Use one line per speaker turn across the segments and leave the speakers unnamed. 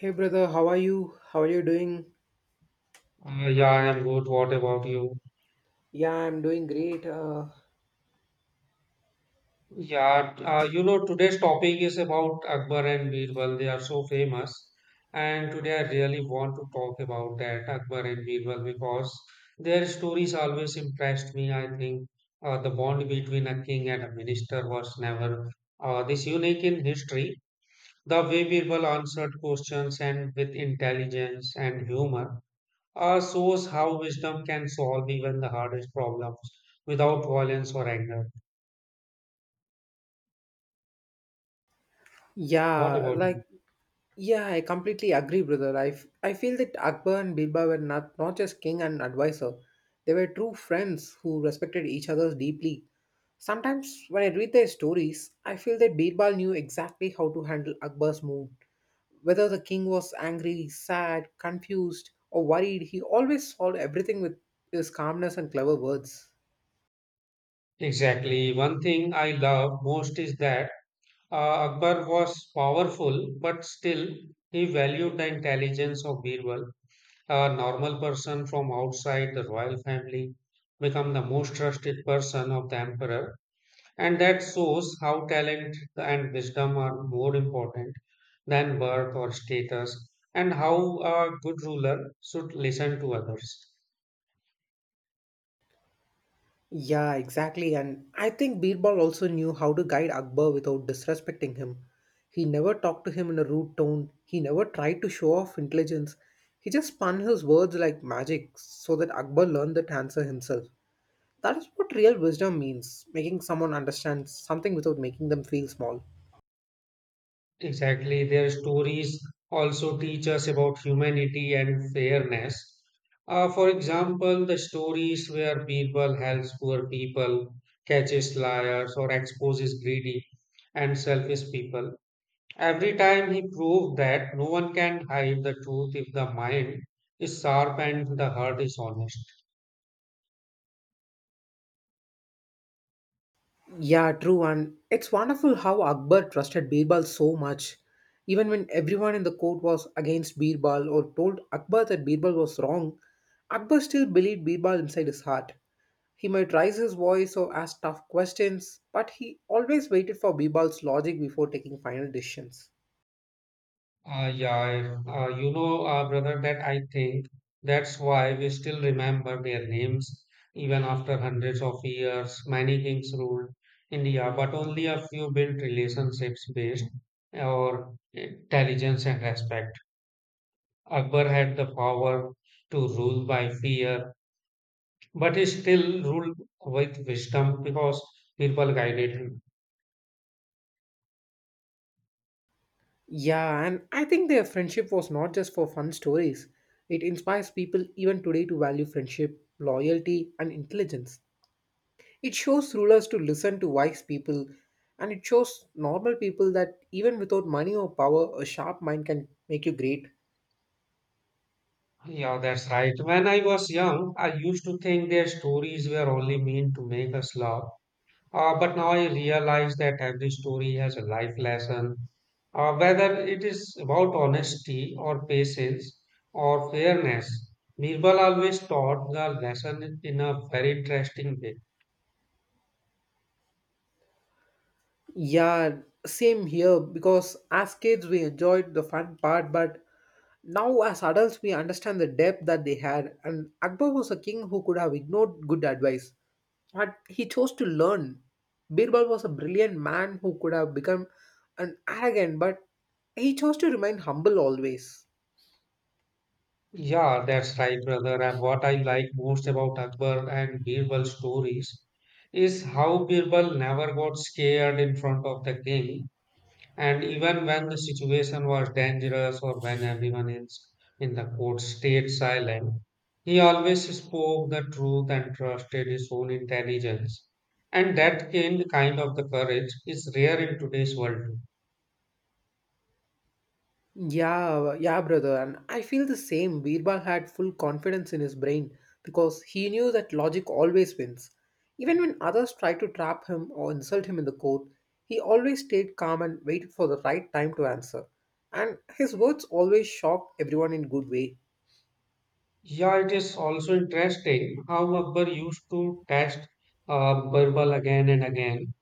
Hey brother, how are you? How are you doing?
Yeah, I'm good. What about you?
Yeah, I'm doing great.
Yeah, today's topic is about Akbar and Birbal. They are so famous. And today I really want to talk about that, Akbar and Birbal, because their stories always impressed me. I think the bond between a king and a minister was never this unique in history. The way Birbal answered questions and with intelligence and humor, shows how wisdom can solve even the hardest problems without violence or anger. What
Yeah,
about you?
like yeah, I completely agree, brother. I feel that Akbar and Birbal were not just king and advisor. They were true friends who respected each other deeply. Sometimes when I read their stories, I feel that Birbal knew exactly how to handle Akbar's mood. Whether the king was angry, sad, confused, or worried, he always solved everything with his calmness and clever words.
Exactly. One thing I love most is that Akbar was powerful, but still he valued the intelligence of Birbal. A normal person from outside the royal family become the most trusted person of the emperor. And that shows how talent and wisdom are more important than birth or status, and how a good ruler should listen to others.
Yeah, exactly. And I think Birbal also knew how to guide Akbar without disrespecting him. He never talked to him in a rude tone, he never tried to show off intelligence. He just spun his words like magic so that Akbar learned that answer himself. That is what real wisdom means making someone understand something without making them feel small.
Exactly, their stories also teach us about humanity and fairness. For example, the stories where Birbal helps poor people, catches liars, or exposes greedy and selfish people. Every time he proved that no one can hide the truth if the mind is sharp and the heart is honest.
Yeah, true. And it's wonderful how Akbar trusted Birbal so much. Even when everyone in the court was against Birbal or told Akbar that Birbal was wrong, Akbar still believed Birbal inside his heart. He might raise his voice or ask tough questions, but he always waited for Birbal's logic before taking final decisions.
Brother, that I think that's why we still remember their names even after hundreds of years. Many kings ruled India, but only a few built relationships based on intelligence and respect. Akbar had the power to rule by fear, but he still ruled with wisdom because people guided him.
Yeah, and I think their friendship was not just for fun stories. It inspires people even today to value friendship, loyalty, and intelligence. It shows rulers to listen to wise people, and it shows normal people that even without money or power, a sharp mind can make you great.
Yeah, that's right. When I was young, I used to think their stories were only meant to make us laugh. But now I realize that every story has a life lesson. Whether it is about honesty or patience or fairness, Birbal always taught the lesson in a very interesting way.
Yeah, same here because as kids we enjoyed the fun part, but now as adults we understand the depth that they had. And Akbar was a king who could have ignored good advice, but he chose to learn. Birbal was a brilliant man who could have become an arrogant, but he chose to remain humble always.
Yeah, that's right, brother. And what I like most about Akbar and Birbal's stories is how Birbal never got scared in front of the king. And even when the situation was dangerous or when everyone else in the court stayed silent, he always spoke the truth and trusted his own intelligence. And that kind of the courage is rare in today's world.
Yeah, yeah, brother. And I feel the same. Birbal had full confidence in his brain because he knew that logic always wins. Even when others tried to trap him or insult him in the court, he always stayed calm and waited for the right time to answer. And his words always shocked everyone in good way.
Yeah, it is also interesting how Akbar used to test Birbal again and again.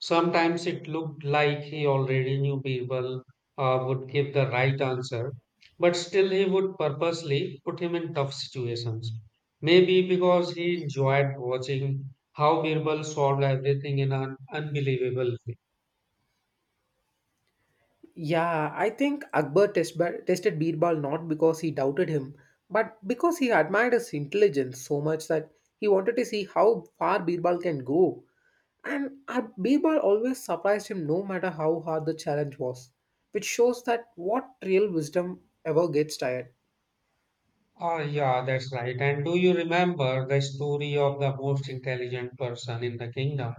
Sometimes it looked like he already knew Birbal would give the right answer, but still he would purposely put him in tough situations. Maybe because he enjoyed watching how Birbal solved everything in an unbelievable way.
Yeah, I think tested Birbal not because he doubted him, but because he admired his intelligence so much that he wanted to see how far Birbal can go. And Birbal always surprised him no matter how hard the challenge was, which shows that what real wisdom ever gets tired.
Ah, yeah, that's right. And do you remember the story of the most intelligent person in the kingdom?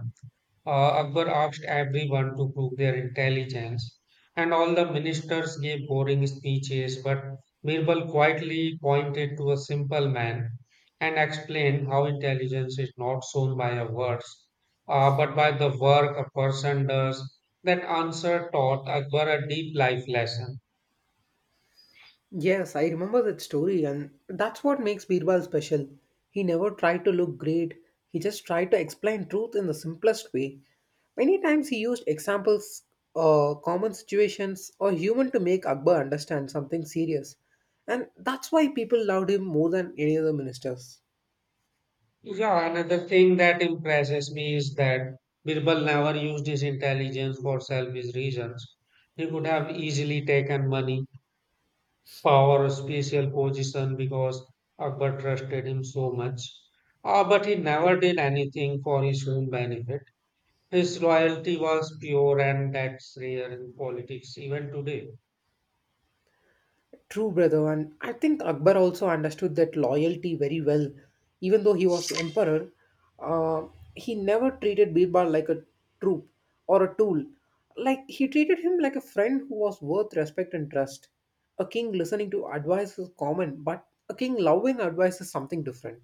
Uh, Akbar asked everyone to prove their intelligence, and all the ministers gave boring speeches. But Birbal quietly pointed to a simple man and explained how intelligence is not shown by a words, but by the work a person does. That answer taught Akbar a deep life lesson.
Yes, I remember that story, and that's what makes Birbal special. He never tried to look great, he just tried to explain truth in the simplest way. Many times he used examples, common situations, or human to make Akbar understand something serious. And that's why people loved him more than any other ministers.
Yeah, another thing that impresses me is that Birbal never used his intelligence for selfish reasons. He could have easily taken money power, spatial position because Akbar trusted him so much. But he never did anything for his own benefit. His loyalty was pure, and that's rare in politics even today.
True, brother, and I think Akbar also understood that loyalty very well. Even though he was emperor, uh, he never treated Birbal like a troop or a tool. Like he treated him like a friend who was worth respect and trust. A king listening to advice is common, but a king loving advice is something different.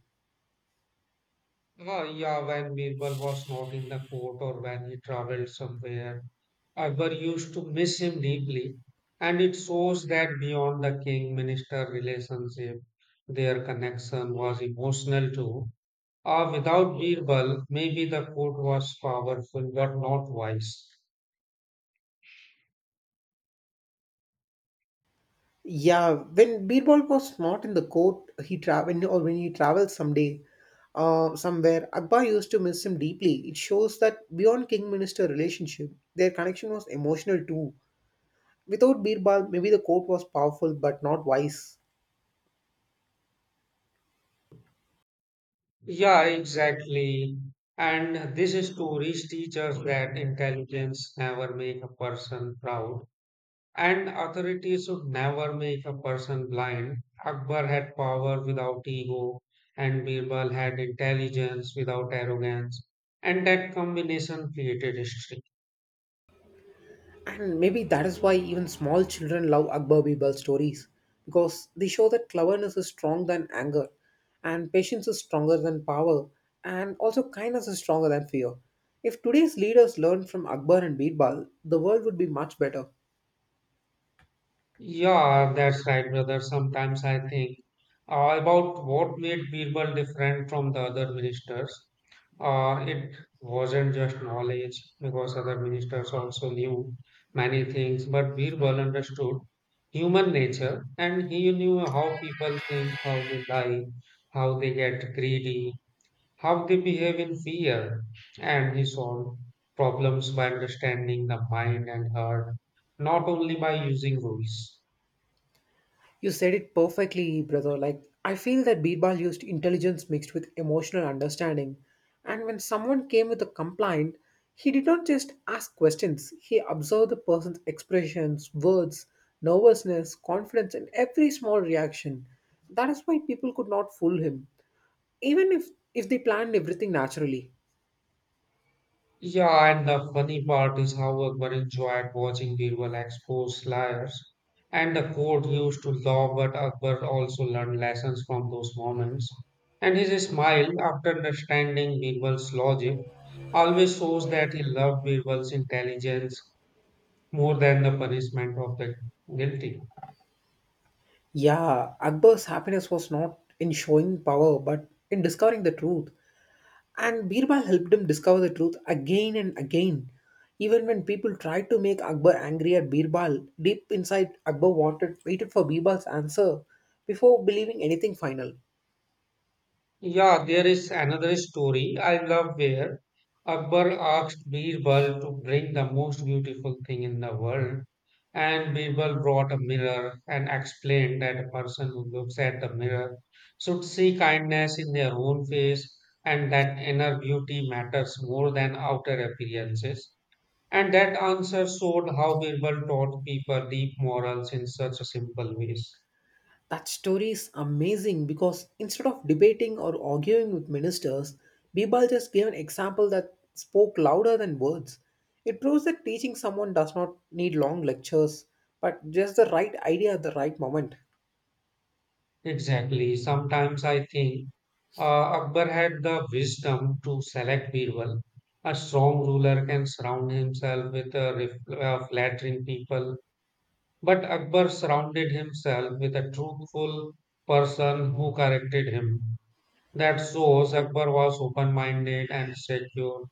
Yeah, when Birbal was not in the court or when he traveled somewhere, Akbar used to miss him deeply, and it shows that beyond the king minister relationship, their connection was emotional too. Without Birbal, maybe the court was powerful but not wise.
Yeah, when Birbal was not in the court, he traveled or when he travels someday, somewhere, Akbar used to miss him deeply. It shows that beyond king-minister relationship, their connection was emotional too. Without Birbal, maybe the court was powerful but not wise.
Yeah, exactly. And these stories teach us that intelligence never make a person proud, and authority should never make a person blind. Akbar had power without ego, and Birbal had intelligence without arrogance, and that combination created history.
And maybe that is why even small children love Akbar Birbal stories because they show that cleverness is stronger than anger, and patience is stronger than power, and also kindness is stronger than fear. If today's leaders learned from Akbar and Birbal, the world would be much better.
Yeah, that's right, brother. Sometimes I think about what made Birbal different from the other ministers. It wasn't just knowledge, because other ministers also knew many things, but Birbal understood human nature and he knew how people think, how they lie, how they get greedy, how they behave in fear, and he solved problems by understanding the mind and heart, not only by using rules.
You said it perfectly, brother. Like, I feel that Birbal used intelligence mixed with emotional understanding. And when someone came with a complaint, he did not just ask questions, he observed the person's expressions, words, nervousness, confidence, and every small reaction. That is why people could not fool him, even if they planned everything naturally.
Yeah, and the funny part is how Akbar enjoyed watching Birbal expose liars. And the court used to laugh, but Akbar also learned lessons from those moments. And his smile, after understanding Birbal's logic, always shows that he loved Birbal's intelligence more than the punishment of the guilty.
Yeah, Akbar's happiness was not in showing power, but in discovering the truth. And Birbal helped him discover the truth again and again. Even when people tried to make Akbar angry at Birbal, deep inside Akbar waited for Birbal's answer before believing anything final.
Yeah, there is another story I love where Akbar asked Birbal to bring the most beautiful thing in the world, and Birbal brought a mirror and explained that a person who looks at the mirror should see kindness in their own face and that inner beauty matters more than outer appearances. And that answer showed how Birbal taught people deep morals in such a simple ways.
That story is amazing because instead of debating or arguing with ministers, Birbal just gave an example that spoke louder than words. It proves that teaching someone does not need long lectures, but just the right idea at the right moment.
Exactly. Sometimes I think Akbar had the wisdom to select Birbal. A strong ruler can surround himself with a flattering people, but Akbar surrounded himself with a truthful person who corrected him. That shows Akbar was open-minded and secure,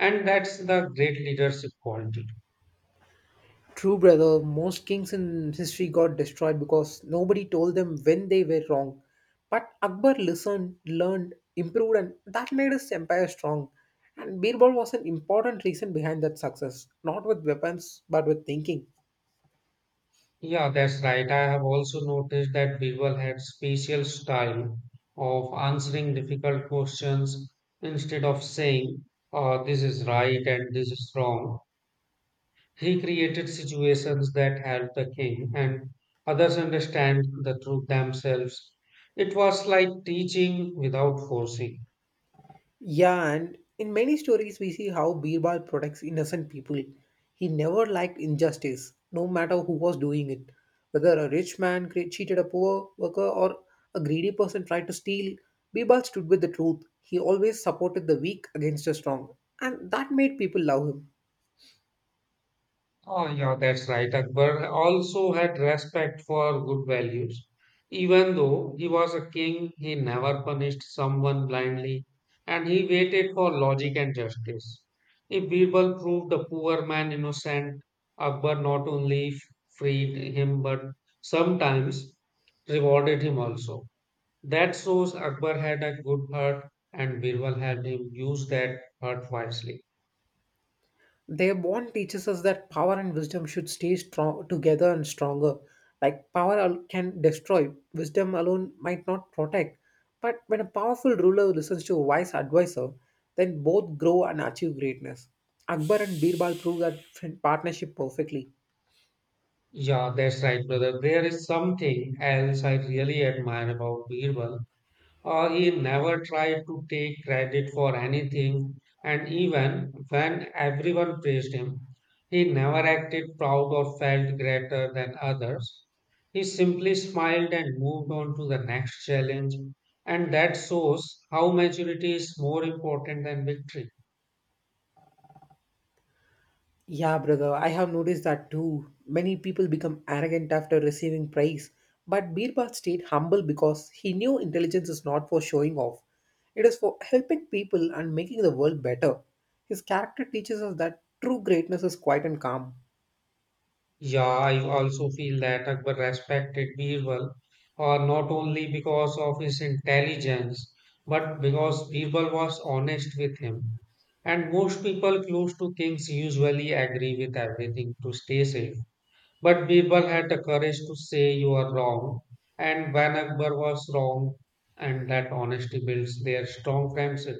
and that's the great leadership quality.
True, brother. Most kings in history got destroyed because nobody told them when they were wrong. But Akbar listened, learned, improved, and that made his empire strong. And Birbal was an important reason behind that success, not with weapons, but with thinking.
Yeah, that's right. I have also noticed that people had special style of answering difficult questions instead of saying, this is right and this is wrong. He created situations that helped the king and others understand the truth themselves. It was like teaching without forcing.
Yeah, and in many stories, we see how Birbal protects innocent people. He never liked injustice, no matter who was doing it. Whether a rich man cheated a poor worker or a greedy person tried to steal, Birbal stood with the truth. He always supported the weak against the strong, and that made people love him.
Oh, yeah, that's right. Akbar also had respect for good values. Even though he was a king, he never punished someone blindly and he waited for logic and justice. If Birbal proved the poor man innocent, Akbar not only freed him but sometimes rewarded him also. That shows Akbar had a good heart and Birbal had him use that heart wisely.
Their bond teaches us that power and wisdom should stay strong together and stronger. Like can destroy, wisdom alone might not protect. But when a powerful ruler listens to a wise advisor, then both grow and achieve greatness. Akbar and Birbal prove that partnership perfectly.
Yeah, that's right, brother. There is something else I really admire about Birbal. He never tried to take credit for anything, and even when everyone praised him, he never acted proud or felt greater than others. He simply smiled and moved on to the next challenge, and that shows how maturity is more important than victory.
Yeah, brother, I have noticed that too. Many people become arrogant after receiving praise, but Birbal stayed humble because he knew intelligence is not for showing off. It is for helping people and making the world better. His character teaches us that true greatness is quiet and calm.
Yeah, I also feel that Akbar respected Birbal, not only because of his intelligence, but because Birbal was honest with him. And most people close to kings usually agree with everything to stay safe. But Birbal had the courage to say you are wrong, and when Akbar was wrong, and that honesty builds their strong friendship.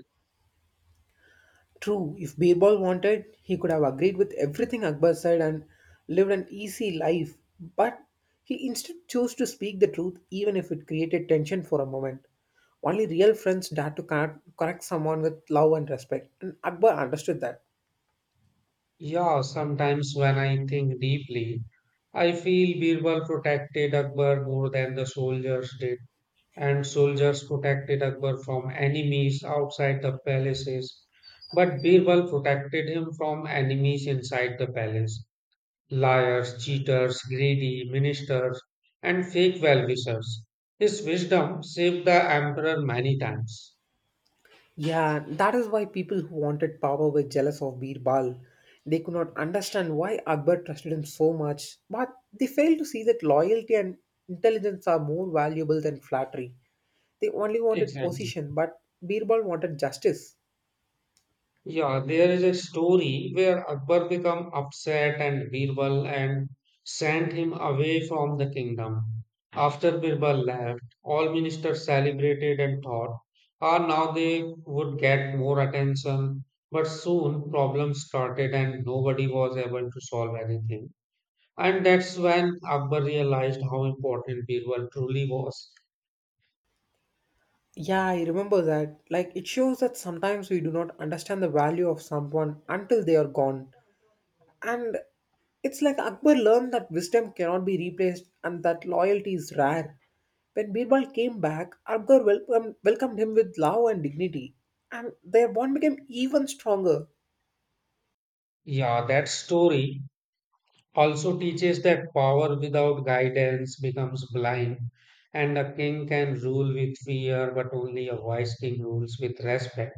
True, if Birbal wanted, he could have agreed with everything Akbar said and lived an easy life, but he instead chose to speak the truth even if it created tension for a moment. Only real friends dare to correct someone with love and respect, and Akbar understood that.
Yeah, sometimes when I think deeply, I feel Birbal protected Akbar more than the soldiers did, and soldiers protected Akbar from enemies outside the palaces, but Birbal protected him from enemies inside the palace, liars, cheaters, greedy ministers, and fake well-wishers. His wisdom saved the emperor many times.
Yeah, that is why people who wanted power were jealous of Birbal. They could not understand why Akbar trusted him so much, but they failed to see that loyalty and intelligence are more valuable than flattery. They only wanted
Exactly.
position, but Birbal wanted justice.
Yeah, there is a story where Akbar became upset and Birbal and sent him away from the kingdom. After Birbal left, all ministers celebrated and thought, ah, now they would get more attention. But soon problems started and nobody was able to solve anything. And that's when Akbar realized how important Birbal truly was.
Yeah, I remember that. Like, it shows that sometimes we do not understand the value of someone until they are gone. And it's like Akbar learned that wisdom cannot be replaced and that loyalty is rare. When Birbal came back, Akbar welcomed him with love and dignity, and their bond became even stronger.
Yeah, that story also teaches that power without guidance becomes blind, and a king can rule with fear, but only a wise king rules with respect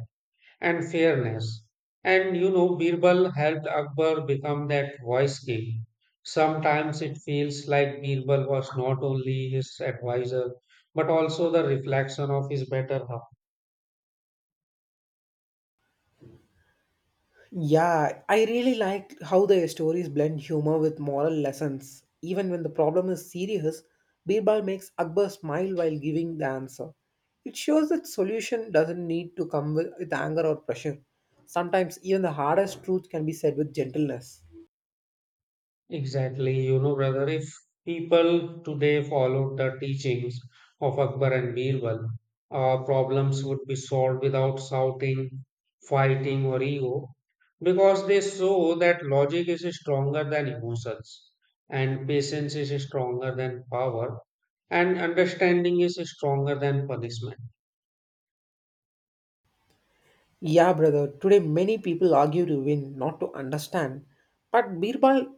and fairness. And you know, Birbal helped Akbar become that wise king. Sometimes it feels like Birbal was not only his advisor, but also the reflection of his better half.
Yeah, I really like how the stories blend humor with moral lessons. Even when the problem is serious, Birbal makes Akbar smile while giving the answer. It shows that solution doesn't need to come with anger or pressure. Sometimes even the hardest truth can be said with gentleness.
Exactly, you know, brother, if people today followed the teachings of Akbar and Birbal, problems would be solved without shouting, fighting, or ego, because they saw that logic is stronger than emotions, and patience is stronger than power, and understanding is stronger than punishment.
Yeah, brother. Today, many people argue to win, not to understand. But Birbal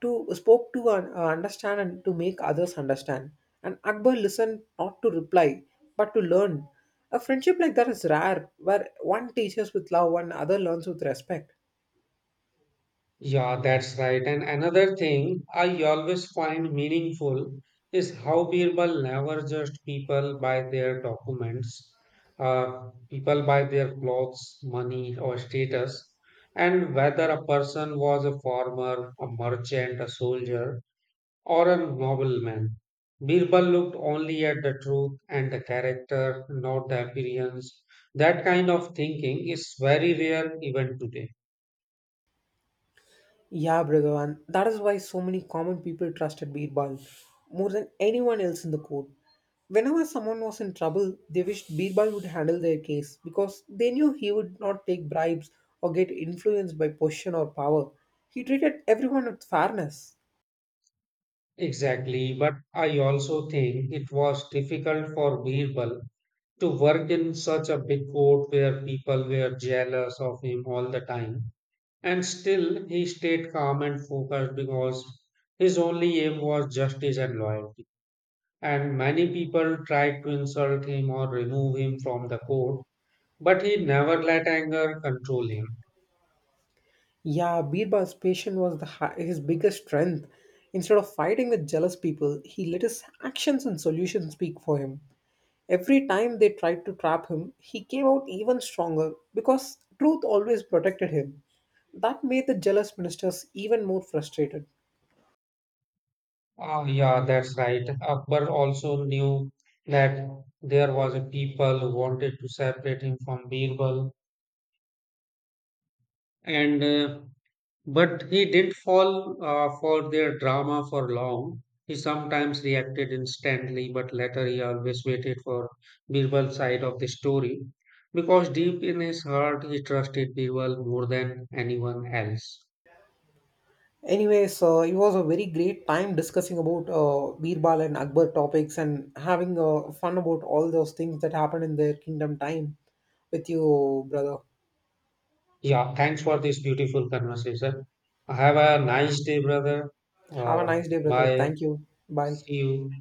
to spoke to un- understand and to make others understand. And Akbar listened not to reply, but to learn. A friendship like that is rare, where one teaches with love and other learns with respect.
Yeah, that's right. And another thing I always find meaningful is how Birbal never judged people by their documents, people by their clothes, money, or status, and whether a person was a farmer, a merchant, a soldier, or a nobleman. Birbal looked only at the truth and the character, not the appearance. That kind of thinking is very rare even today.
Yeah, Bhagavan, that is why so many common people trusted Birbal more than anyone else in the court. Whenever someone was in trouble, they wished Birbal would handle their case because they knew he would not take bribes or get influenced by position or power. He treated everyone with fairness.
Exactly, but I also think it was difficult for Birbal to work in such a big court where people were jealous of him all the time. And still, he stayed calm and focused because his only aim was justice and loyalty. And many people tried to insult him or remove him from the court, but he never let anger control him.
Yeah, Birbal's patience was his biggest strength. Instead of fighting with jealous people, he let his actions and solutions speak for him. Every time they tried to trap him, he came out even stronger because truth always protected him. That made the jealous ministers even more frustrated.
Oh, yeah, that's right. Akbar also knew that there was a people who wanted to separate him from Birbal, and but he didn't fall for their drama for long. He sometimes reacted instantly, but later he always waited for Birbal's side of the story because deep in his heart he trusted Birbal more than anyone else.
Anyways, it was a very great time discussing about Birbal and Akbar topics and having fun about all those things that happened in their kingdom time with you, brother.
Yeah, thanks for this beautiful conversation. Have a nice day, brother.
Have a
Uh,
nice day, brother.
bye.
Thank you. Bye.
See you.